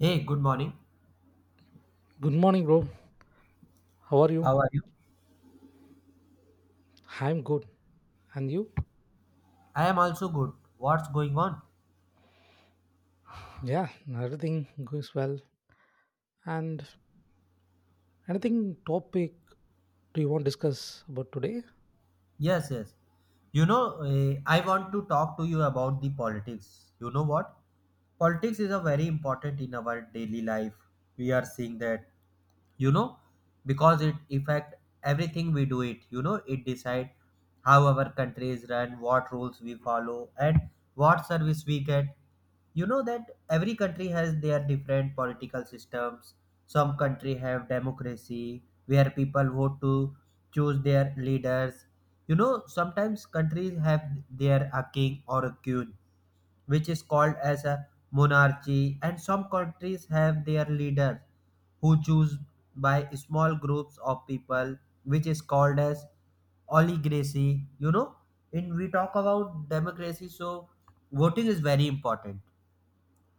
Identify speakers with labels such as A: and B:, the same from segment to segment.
A: Hey, good morning.
B: Good morning, bro. How are you?
A: How are you?
B: I'm good. And you?
A: I am also good. What's going on?
B: Yeah, everything goes well. And anything topic do you want to discuss about today?
A: Yes, yes. You know, I want to talk to you about the politics. You know what? Politics is a very important in our daily life. We are seeing that, you know, because it affect everything we do it, you know, it decide how our country is run, what rules we follow, and what service we get. You know that every country has their different political systems. Some country have democracy where people vote to choose their leaders. You know, sometimes countries have their a king or a queen, which is called as a monarchy, and some countries have their leaders who choose by small groups of people, which is called as oligarchy. You know, in we talk about democracy, so voting is very important.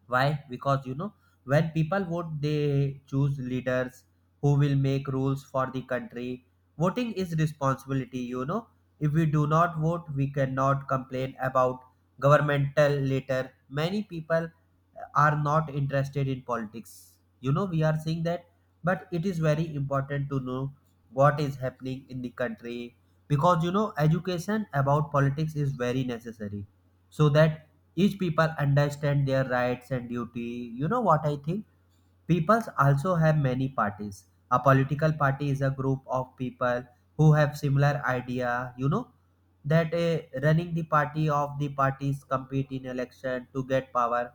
A: Why? Because, you know, when people vote they choose leaders who will make rules for the country. Voting is responsibility. You know, if we do not vote we cannot complain about governmental later. Many people are not interested in politics, you know, we are seeing that, but it is very important to know what is happening in the country. Because, you know, education about politics is very necessary, so that each people understand their rights and duty. You know what I think? Peoples also have many parties. A political party is a group of people who have similar idea, you know, that running the party of the parties compete in election to get power.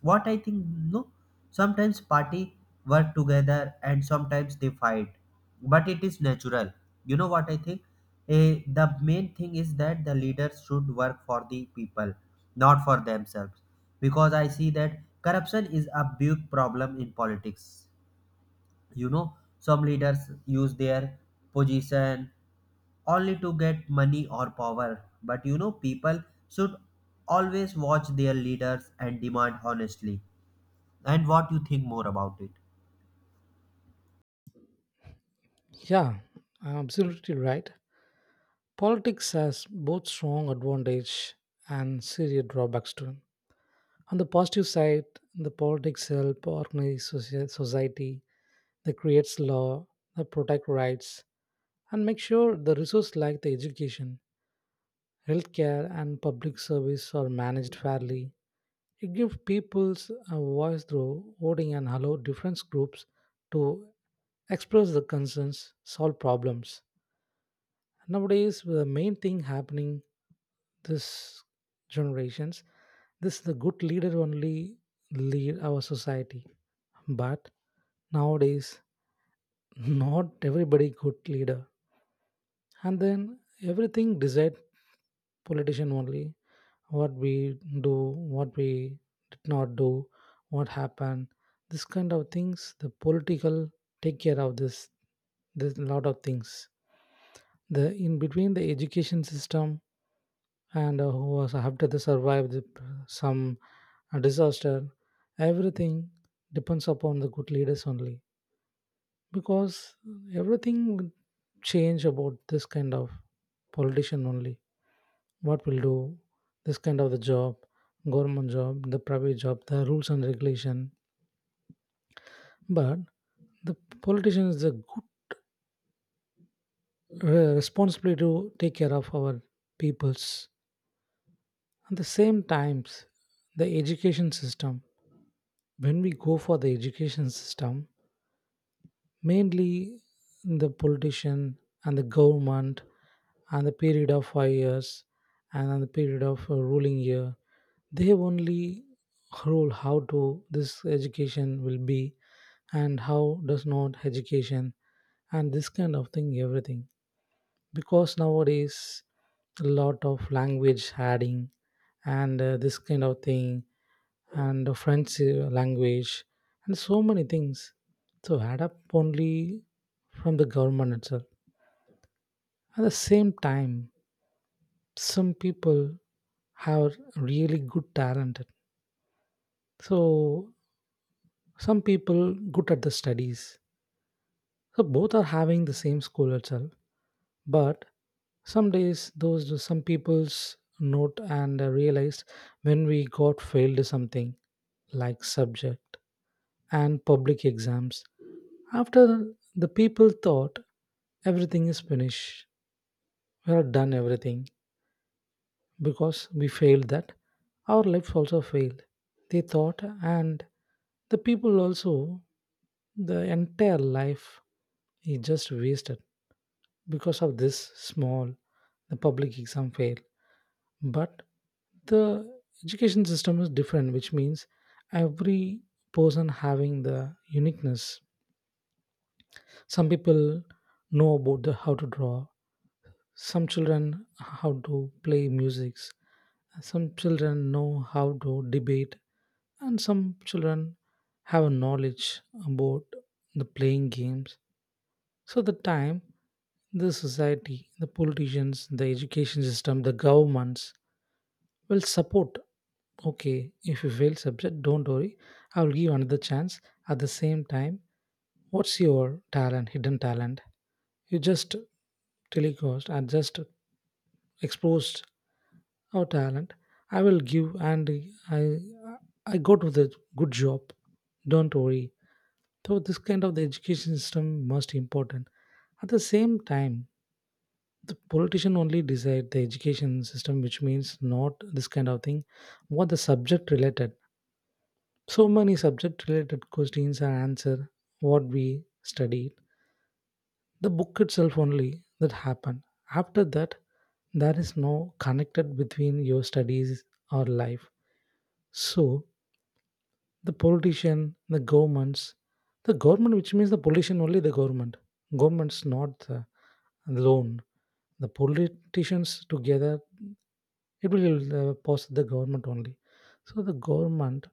A: What I think, no, sometimes party work together and sometimes they fight, but it is natural. You know what I think? The main thing is that the leaders should work for the people, not for themselves, because I see that corruption is a big problem in politics. You know, some leaders use their position only to get money or power. But, you know, people should always watch their leaders and demand honestly. And what you think more about it?
B: Yeah, absolutely right. Politics has both strong advantage and serious drawbacks to it. On the positive side, the politics help organize society. They creates law, they protect rights, and make sure the resources like the education, healthcare, and public service are managed fairly. It gives people's a voice through voting and allow different groups to express their concerns, solve problems. Nowadays, the main thing happening this generations, this the good leader only lead our society. But nowadays, not everybody good leader, and then everything decide politician only, what we do, what we did not do, what happened, this kind of things the political take care of this lot of things, the in between the education system, and who was after they survived some disaster, everything depends upon the good leaders only, because everything would change about this kind of politician only, what will do this kind of the job, government job, the private job, the rules and regulation. But the politician is a good responsibility to take care of our peoples. At the same times, the education system, when we go for the education system, mainly the politician and the government and the period of 5 years and then the period of ruling year, they only rule how to this education will be and how does not education and this kind of thing everything, because nowadays a lot of language adding and this kind of thing and the French language and so many things. So add up only from the government itself. At the same time, some people have really good talent, so some people good at the studies, so both are having the same school itself. But some days those some people's note and realized when we got failed something like subject and public exams. After, the people thought everything is finished, we are done everything, because we failed that, our lives also failed, they thought. And the people also, the entire life is just wasted because of this small, the public exam fail. But the education system is different, which means every person having the uniqueness. Some people know about the how to draw, some children how to play musics, some children know how to debate, and some children have a knowledge about the playing games. So the time, the society, the politicians, the education system, the governments will support. Okay, if you fail subject don't worry, I will give another chance. At the same time, what's your talent, hidden talent, you just telecast and just exposed. Oh, talent. I will give, and I, I go to the good job. Don't worry. So this kind of the education system most important. At the same time, the politician only decide the education system, which means not this kind of thing, what the subject related. So many subject related questions are answered, what we studied. The book itself only that happened. After that, there is no connected between your studies or life. So the politician, the governments, the government, which means the politician only the government. Governments not the alone. The politicians together, it will pass the government only. So the government,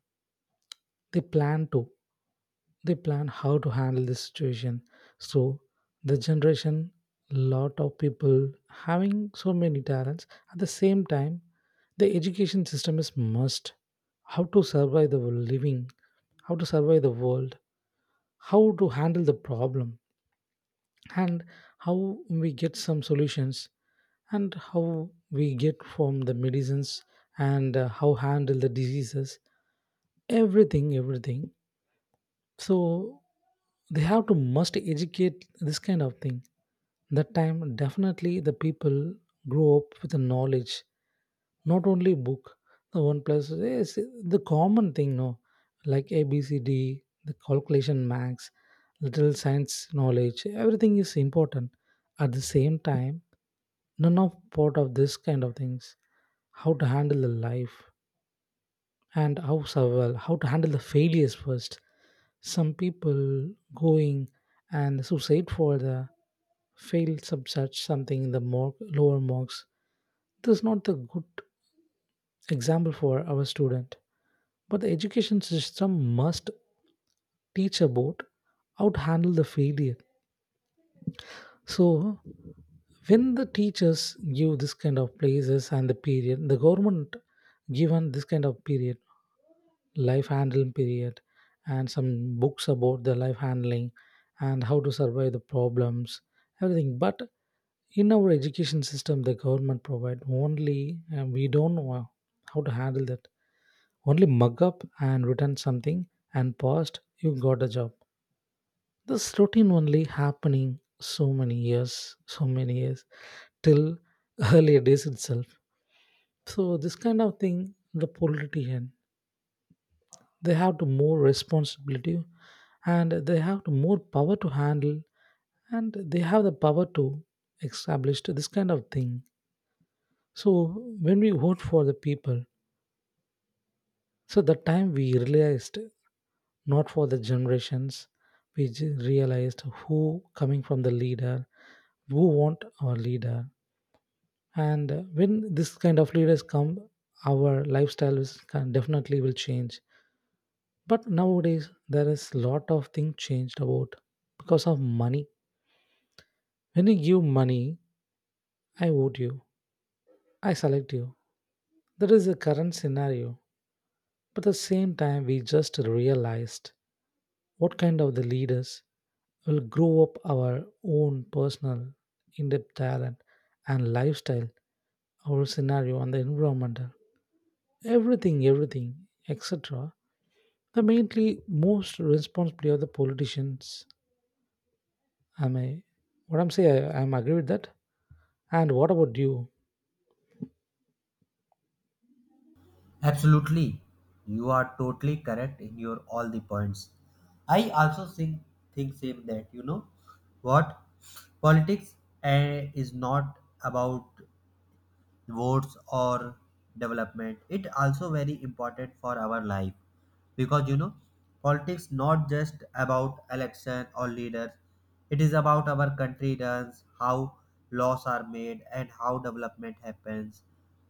B: they plan to, they plan how to handle this situation. So the generation, lot of people having so many talents. At the same time, the education system is must, how to survive the living, how to survive the world, how to handle the problem, and how we get some solutions, and how we get from the medicines, and how handle the diseases, everything everything. So they have to must educate this kind of thing. That time definitely the people grow up with the knowledge, not only book. The one plus is the common thing, no, like A B C D, the calculation max, little science knowledge, everything is important. At the same time, none of part of this kind of things, how to handle the life and how survival, how to handle the failures first. Some people going and suicide for the failed sub such something in the more lower marks. This is not the good example for our student. But the education system must teach about how to handle the failure. So when the teachers give this kind of places and the period, the government given this kind of period, life handling period, and some books about the life handling and how to survive the problems, everything. But in our education system, the government provide only, and we don't know how to handle that. Only mug up and return something and passed, you got a job. This routine only happening so many years, so many years, till earlier days itself. So this kind of thing, the politician, they have to more responsibility, and they have to more power to handle, and they have the power to establish to this kind of thing. So when we vote for the people, so the time we realized not for the generations, we realized who coming from the leader, who want our leader. And when this kind of leaders come, our lifestyles can definitely will change. But nowadays there is lot of things changed about because of money. When you give money, I vote you, I select you, that is the current scenario. But at the same time we just realized what kind of the leaders will grow up our own personal in-depth talent and lifestyle, our scenario and the environmental, everything, everything, etc. The mainly most responsibility of the politicians. Am I? What I'm saying, I'm agree with that. And what about you?
A: Absolutely. You are totally correct in your all the points. I also think same that, you know what, politics is not about votes or development, it also very important for our life. Because, you know, politics not just about election or leaders, it is about our country runs how, laws are made, and how development happens.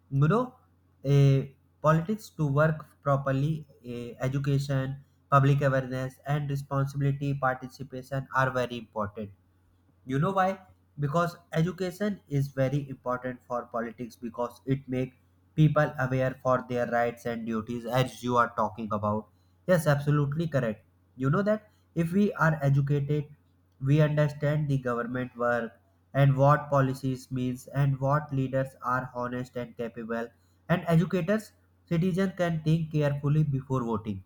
A: You know, a politics to work properly, education, public awareness, and responsibility participation are very important. You know why? Because education is very important for politics, because it makes people aware for their rights and duties. As you are talking about, yes, absolutely correct. You know that if we are educated, we understand the government work and what policies means and what leaders are honest and capable, and educators citizens can think carefully before voting.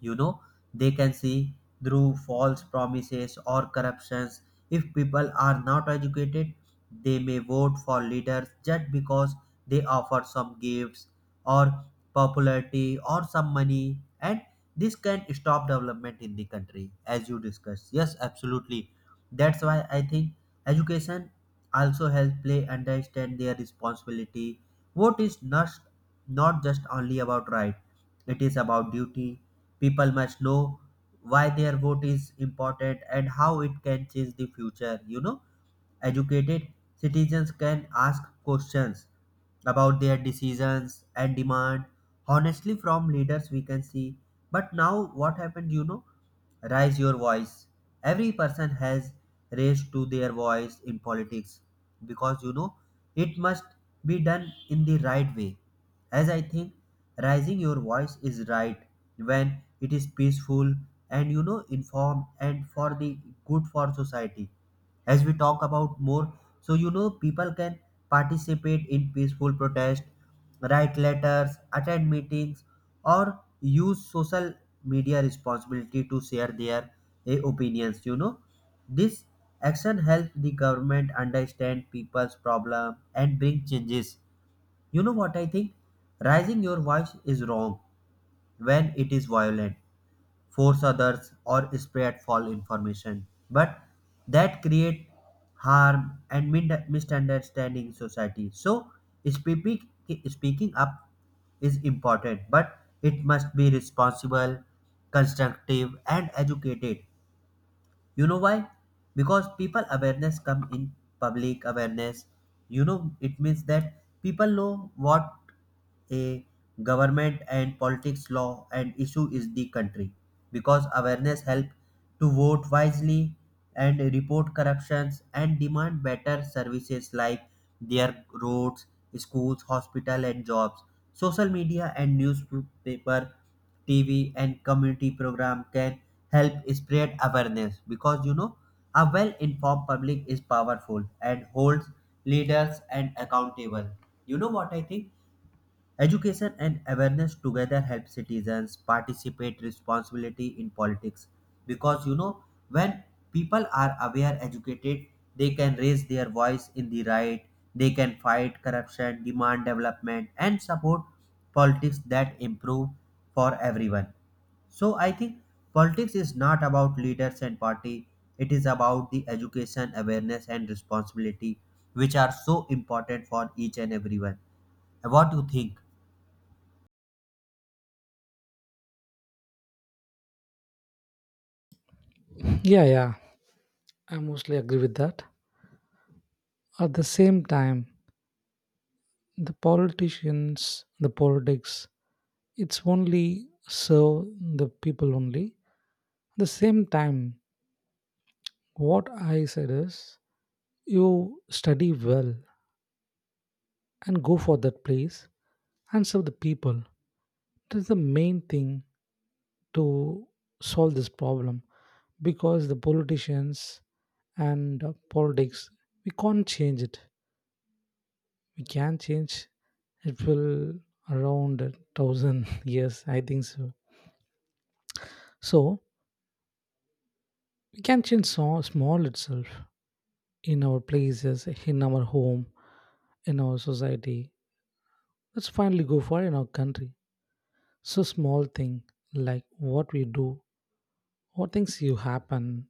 A: You know, they can see through false promises or corruptions. If people are not educated, they may vote for leaders just because they offer some gifts or popularity or some money, and this can stop development in the country. As you discussed, yes, absolutely. That's why I think education also helps play understand their responsibility. Vote is not just only about right, it is about duty. People must know why their vote is important and how it can change the future, you know. Educated citizens can ask questions about their decisions and demand honestly from leaders, we can see. But now what happened, you know, raise your voice. Every person has raised to their voice in politics, because, you know, it must be done in the right way. As I think, raising your voice is right when it is peaceful and, you know, informed and for the good for society. As we talk about more, so, you know, people can participate in peaceful protest, write letters, attend meetings, or use social media responsibility to share their opinions. You know, this action helps the government understand people's problem and bring changes. You know what I think? Raising your voice is wrong when it is violent, force others, or spread false information, but that create harm and misunderstanding society. So speaking speaking up is important, but it must be responsible, constructive, and educated. You know why? Because people awareness come in public awareness. You know, it means that people know what a government and politics law and issue is the country. Because awareness help to vote wisely and report corruptions and demand better services like their roads, schools, hospital, and jobs. Social media and newspaper, TV, and community program can help spread awareness. Because, you know, a well informed public is powerful and holds leaders and accountable. You know what I think? Education and awareness together help citizens participate responsibility in politics. Because, you know, when people are aware educated, they can raise their voice in the right. They can fight corruption, demand development, and support politics that improve for everyone. So I think politics is not about leaders and party, it is about the education, awareness, and responsibility, which are so important for each and everyone. What do you think?
B: Yeah, yeah, I mostly agree with that. At the same time, the politicians, the politics, it's only serve the people only. At the same time, what I said is you study well and go for that place and serve the people. That's the main thing to solve this problem, because the politicians and politics we can't change it, we can change, it will around a thousand years I think so. So we can change so small itself, in our places, in our home, in our society, let's finally go for in our country. So small thing, like what we do, what things you happen,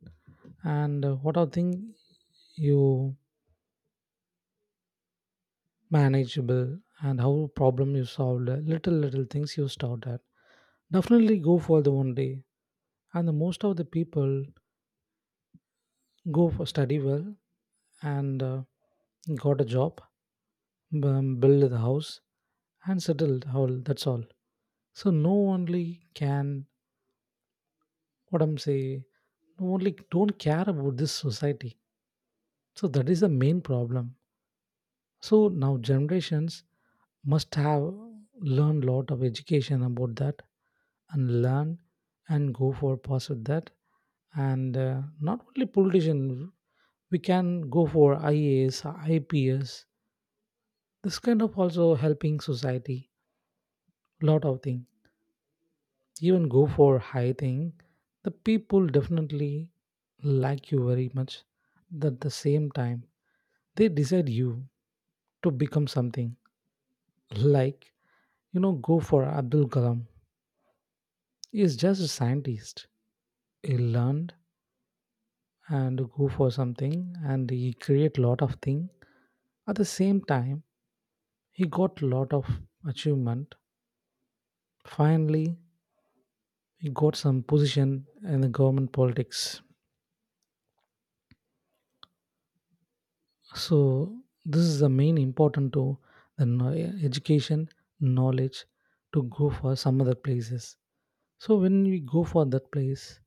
B: and what are things you manageable and how problem you solved, little little things you started at, definitely go for the one day. And the most of the people go for study well, and got a job, build the house, and settled how that's all. So no only can, what I'm saying, no only don't care about this society, so that is the main problem. So now generations must have learned lot of education about that, and learn, and go for pursuit that, and not only politician, we can go for IAS, IPS, this kind of also helping society, lot of thing, even go for high thing. The people definitely like you very much. At the same time, they decide you to become something, like, you know, go for Abdul Kalam. He is just a scientist. He learned and go for something and he create lot of thing. At the same time, he got lot of achievement. Finally, he got some position in the government politics. So this is the main important to the education knowledge, to go for some other places. So when we go for that place,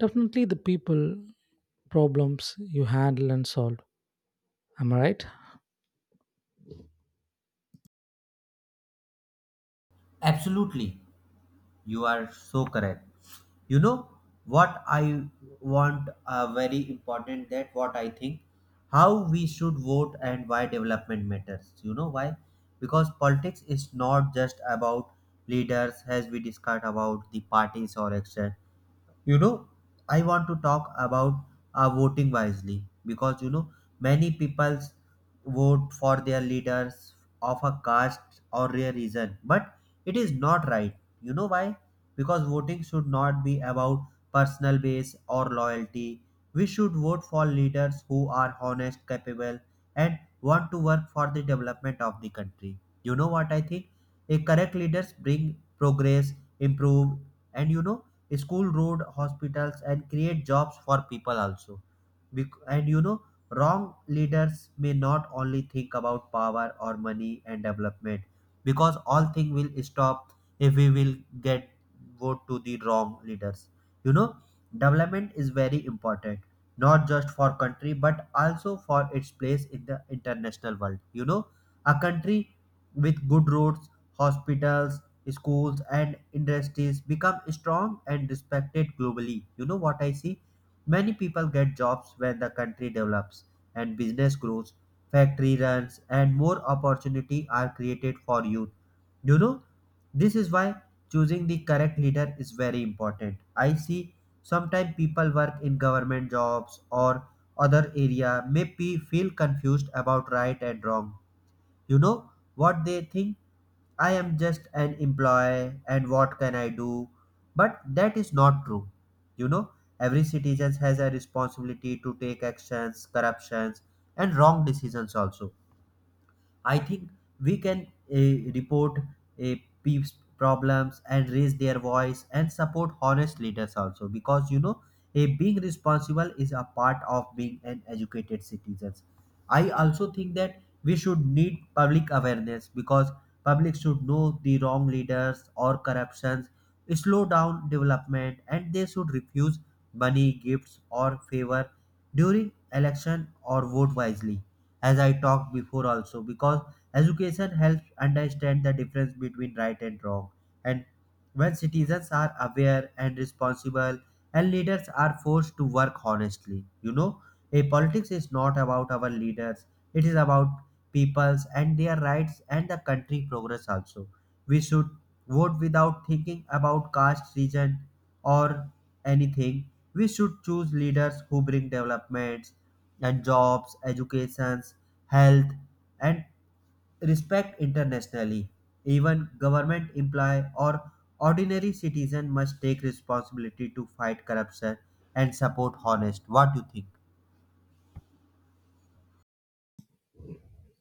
B: definitely the people problems you handle and solve. Am I right?
A: Absolutely, you are so correct. You know what I want, very important that what I think, how we should vote and why development matters. You know why? Because politics is not just about leaders. As we discussed about the parties or action, you know, I want to talk about voting wisely. Because, you know, many people vote for their leaders of a caste or a reason, but it is not right. You know why? Because voting should not be about personal base or loyalty. We should vote for leaders who are honest, capable, and want to work for the development of the country. You know what I think? A correct leaders bring progress, improve, and, you know, school, road, hospitals, and create jobs for people also. And, you know, wrong leaders may not only think about power or money and development, because all thing will stop if we will get vote to the wrong leaders. You know, development is very important, not just for country but also for its place in the international world. You know, a country with good roads, hospitals, schools, and industries become strong and respected globally. You know what I see? Many people get jobs when the country develops and business grows, factory runs, and more opportunity are created for youth. You know, this is why choosing the correct leader is very important. I see sometimes people work in government jobs or other area may be, feel confused about right and wrong. You know what they think? I am just an employee and what can I do? But that is not true. You know, every citizen has a responsibility to take actions, corruptions, and wrong decisions also. I think we can uh, report uh, peeps problems and raise their voice and support honest leaders also, because, you know, a being responsible is a part of being an educated citizens. I also think that we should need public awareness, because public should know the wrong leaders or corruptions, slow down development, and they should refuse money, gifts, or favor during election or vote wisely, as I talked before also, because education helps understand the difference between right and wrong. And when citizens are aware and responsible and leaders are forced to work honestly, you know, a politics is not about our leaders, it is about peoples and their rights and the country progress also. We should vote without thinking about caste, region, or anything. We should choose leaders who bring developments and jobs, educations, health, and respect internationally. Even government employee or ordinary citizen must take responsibility to fight corruption and support honest. What do you think?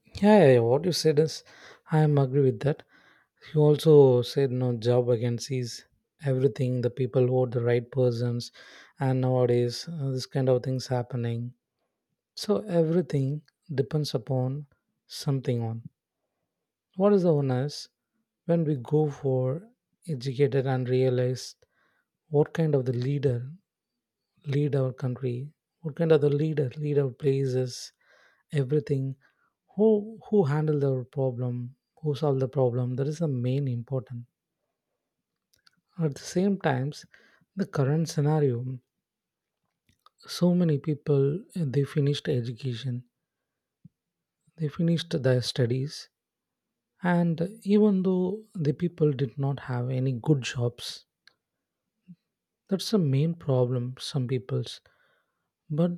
B: Yeah, yeah, yeah, what you said is, I am agree with that. You also said no job vacancies, everything. The people vote the right persons, and nowadays this kind of things happening. So everything depends upon something on. What is the onus when we go for educated and realize what kind of the leader lead our country, what kind of the leader lead our places, everything, who handle the problem, who solve the problem, that is the main important. At the same times, the current scenario, so many people they finished education, they finished their studies, and even though the people did not have any good jobs, that's the main problem some people's. But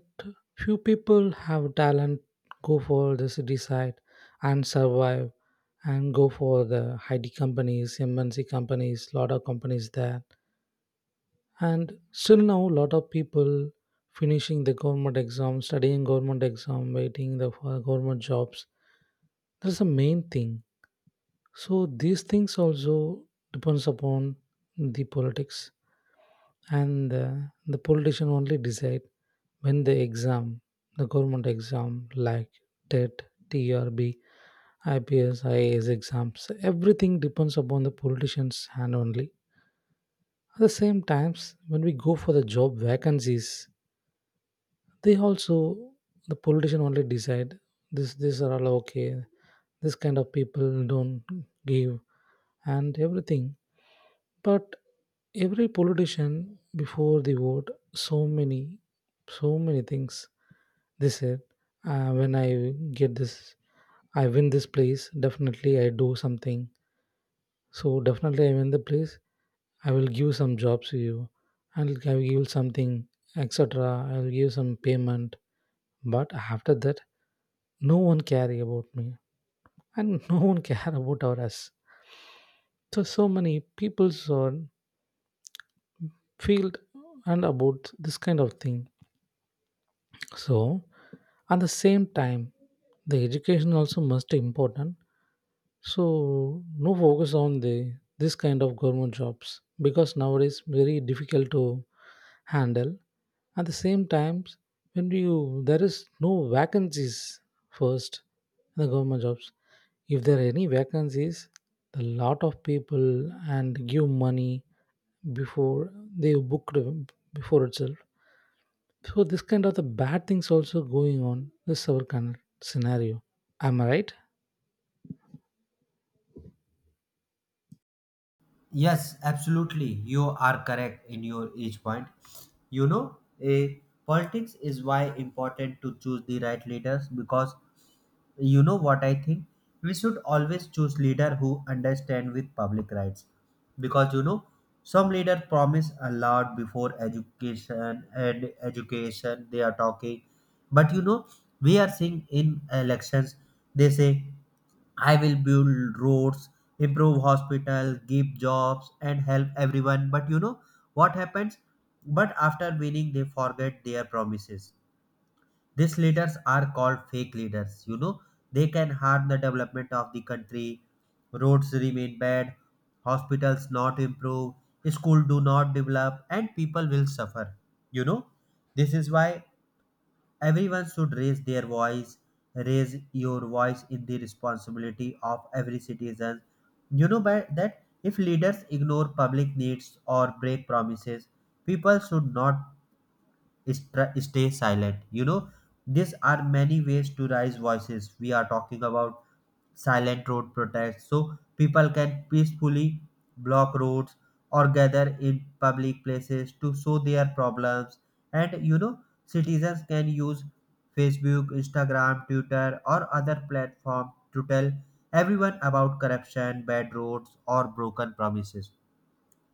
B: few people have talent, go for the city side and survive and go for the IT companies, MNC companies, lot of companies there. And still now lot of people finishing the government exam, studying government exam, waiting the for government jobs. That's the main thing. So these things also depends upon the politics, and the politician only decide when the exam, the government exam like TET, TRB, IPS, IAS exams, everything depends upon the politicians hand only. At the same times when we go for the job vacancies, they also, the politician only decide, this these are all okay, this kind of people don't give and everything. But every politician before the vote, so many, so many things they said, when I get this, I win this place, definitely I do something. So definitely I win the place, I will give some jobs to you. I will give you something, etc. I will give some payment. But after that, no one care about me, and no one care about our us. So, so many people are feel and about this kind of thing. So, at the same time, the education also must important. So no focus on the this kind of government jobs because nowadays very difficult to handle. At the same time, when you there is no vacancies first in the government jobs. If there are any vacancies, a lot of people and give money before they booked before itself. So this kind of the bad things also going on this our kind of scenario. Am I right?
A: Yes, absolutely. You are correct in your each point. You know, a politics is why important to choose the right leaders, because, you know what I think, we should always choose leader who understand with public rights. Because, you know, some leader promise a lot before education and education they are talking. But, you know, we are seeing in elections they say I will build roads, improve hospital, give jobs, and help everyone. But, you know, what happens? But after winning, they forget their promises. These leaders are called fake leaders. You know, they can harm the development of the country. Roads remain bad, hospitals not improve, school do not develop, and people will suffer. You know, this is why everyone should raise their voice. Raise your voice in the responsibility of every citizen. You know, by that if leaders ignore public needs or break promises, people should not stay silent. You know, these are many ways to raise voices, we are talking about silent road protests, so people can peacefully block roads or gather in public places to show their problems. And, you know, citizens can use Facebook, Instagram, Twitter, or other platform to tell everyone about corruption, bad roads, or broken promises.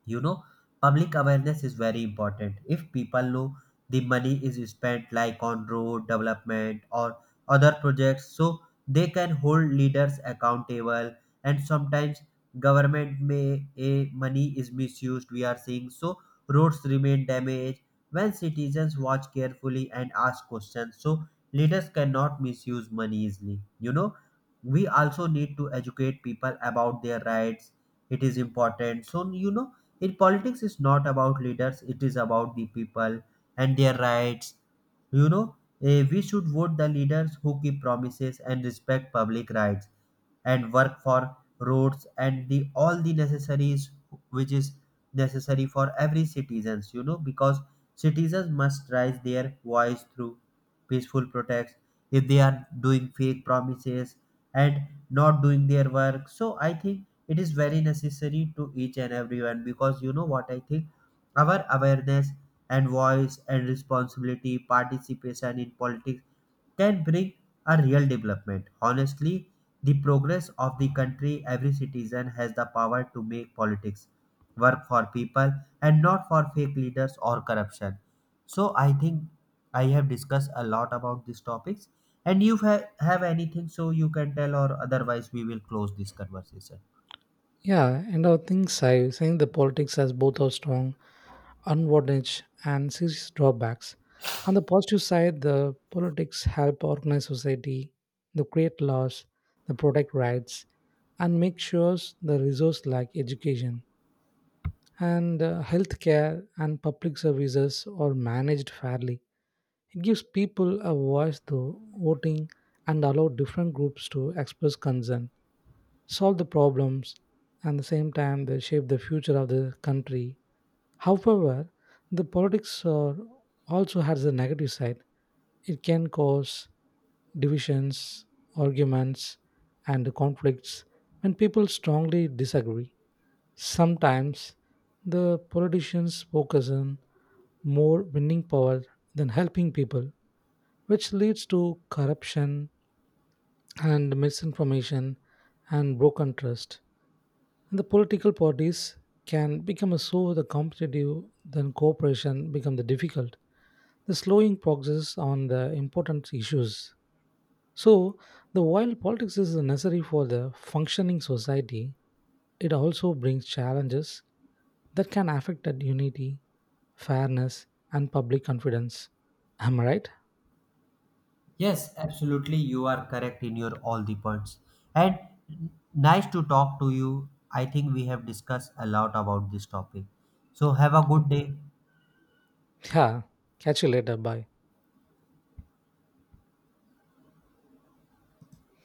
A: You know, public awareness is very important. If people know the money is spent like on road development or other projects, so they can hold leaders accountable. And sometimes government may a money is misused, we are seeing, so roads remain damaged. When citizens watch carefully and ask questions, so leaders cannot misuse money easily. You know, we also need to educate people about their rights, it is important. So, you know, in politics it's not about leaders, it is about the people and their rights. You know, we should vote the leaders who keep promises and respect public rights and work for roads and the all the necessaries, which is necessary for every citizens. You know, because citizens must raise their voice through peaceful protests if they are doing fake promises and not doing their work. So I think it is very necessary to each and everyone, because, you know what I think, our awareness and voice and responsibility, participation in politics can bring a real development. Honestly, the progress of the country, every citizen has the power to make politics work for people and not for fake leaders or corruption. So I think I have discussed a lot about these topics. And you have anything so you can tell, or otherwise, we will close this conversation.
B: Yeah, and I think so. I think the politics has both our strong advantage and serious drawbacks. On the positive side, the politics help organize society, they create laws, they protect rights, and make sure the resource like education and healthcare and public services are managed fairly. It gives people a voice through voting and allow different groups to express concern, solve the problems, and the same time they shape the future of the country. However, the politics are also has a negative side, it can cause divisions, arguments, and conflicts when people strongly disagree. Sometimes the politicians focus on more winning power than helping people, which leads to corruption and misinformation and broken trust. And the political parties can become a so the competitive then cooperation become the difficult, the slowing progress on the important issues. So the while politics is necessary for the functioning society, it also brings challenges that can affect that unity, fairness, and public confidence. Am I right?
A: Yes, absolutely. You are correct in your all the points. And nice to talk to you. I think we have discussed a lot about this topic. So have a good day.
B: Yeah. Catch you later. Bye.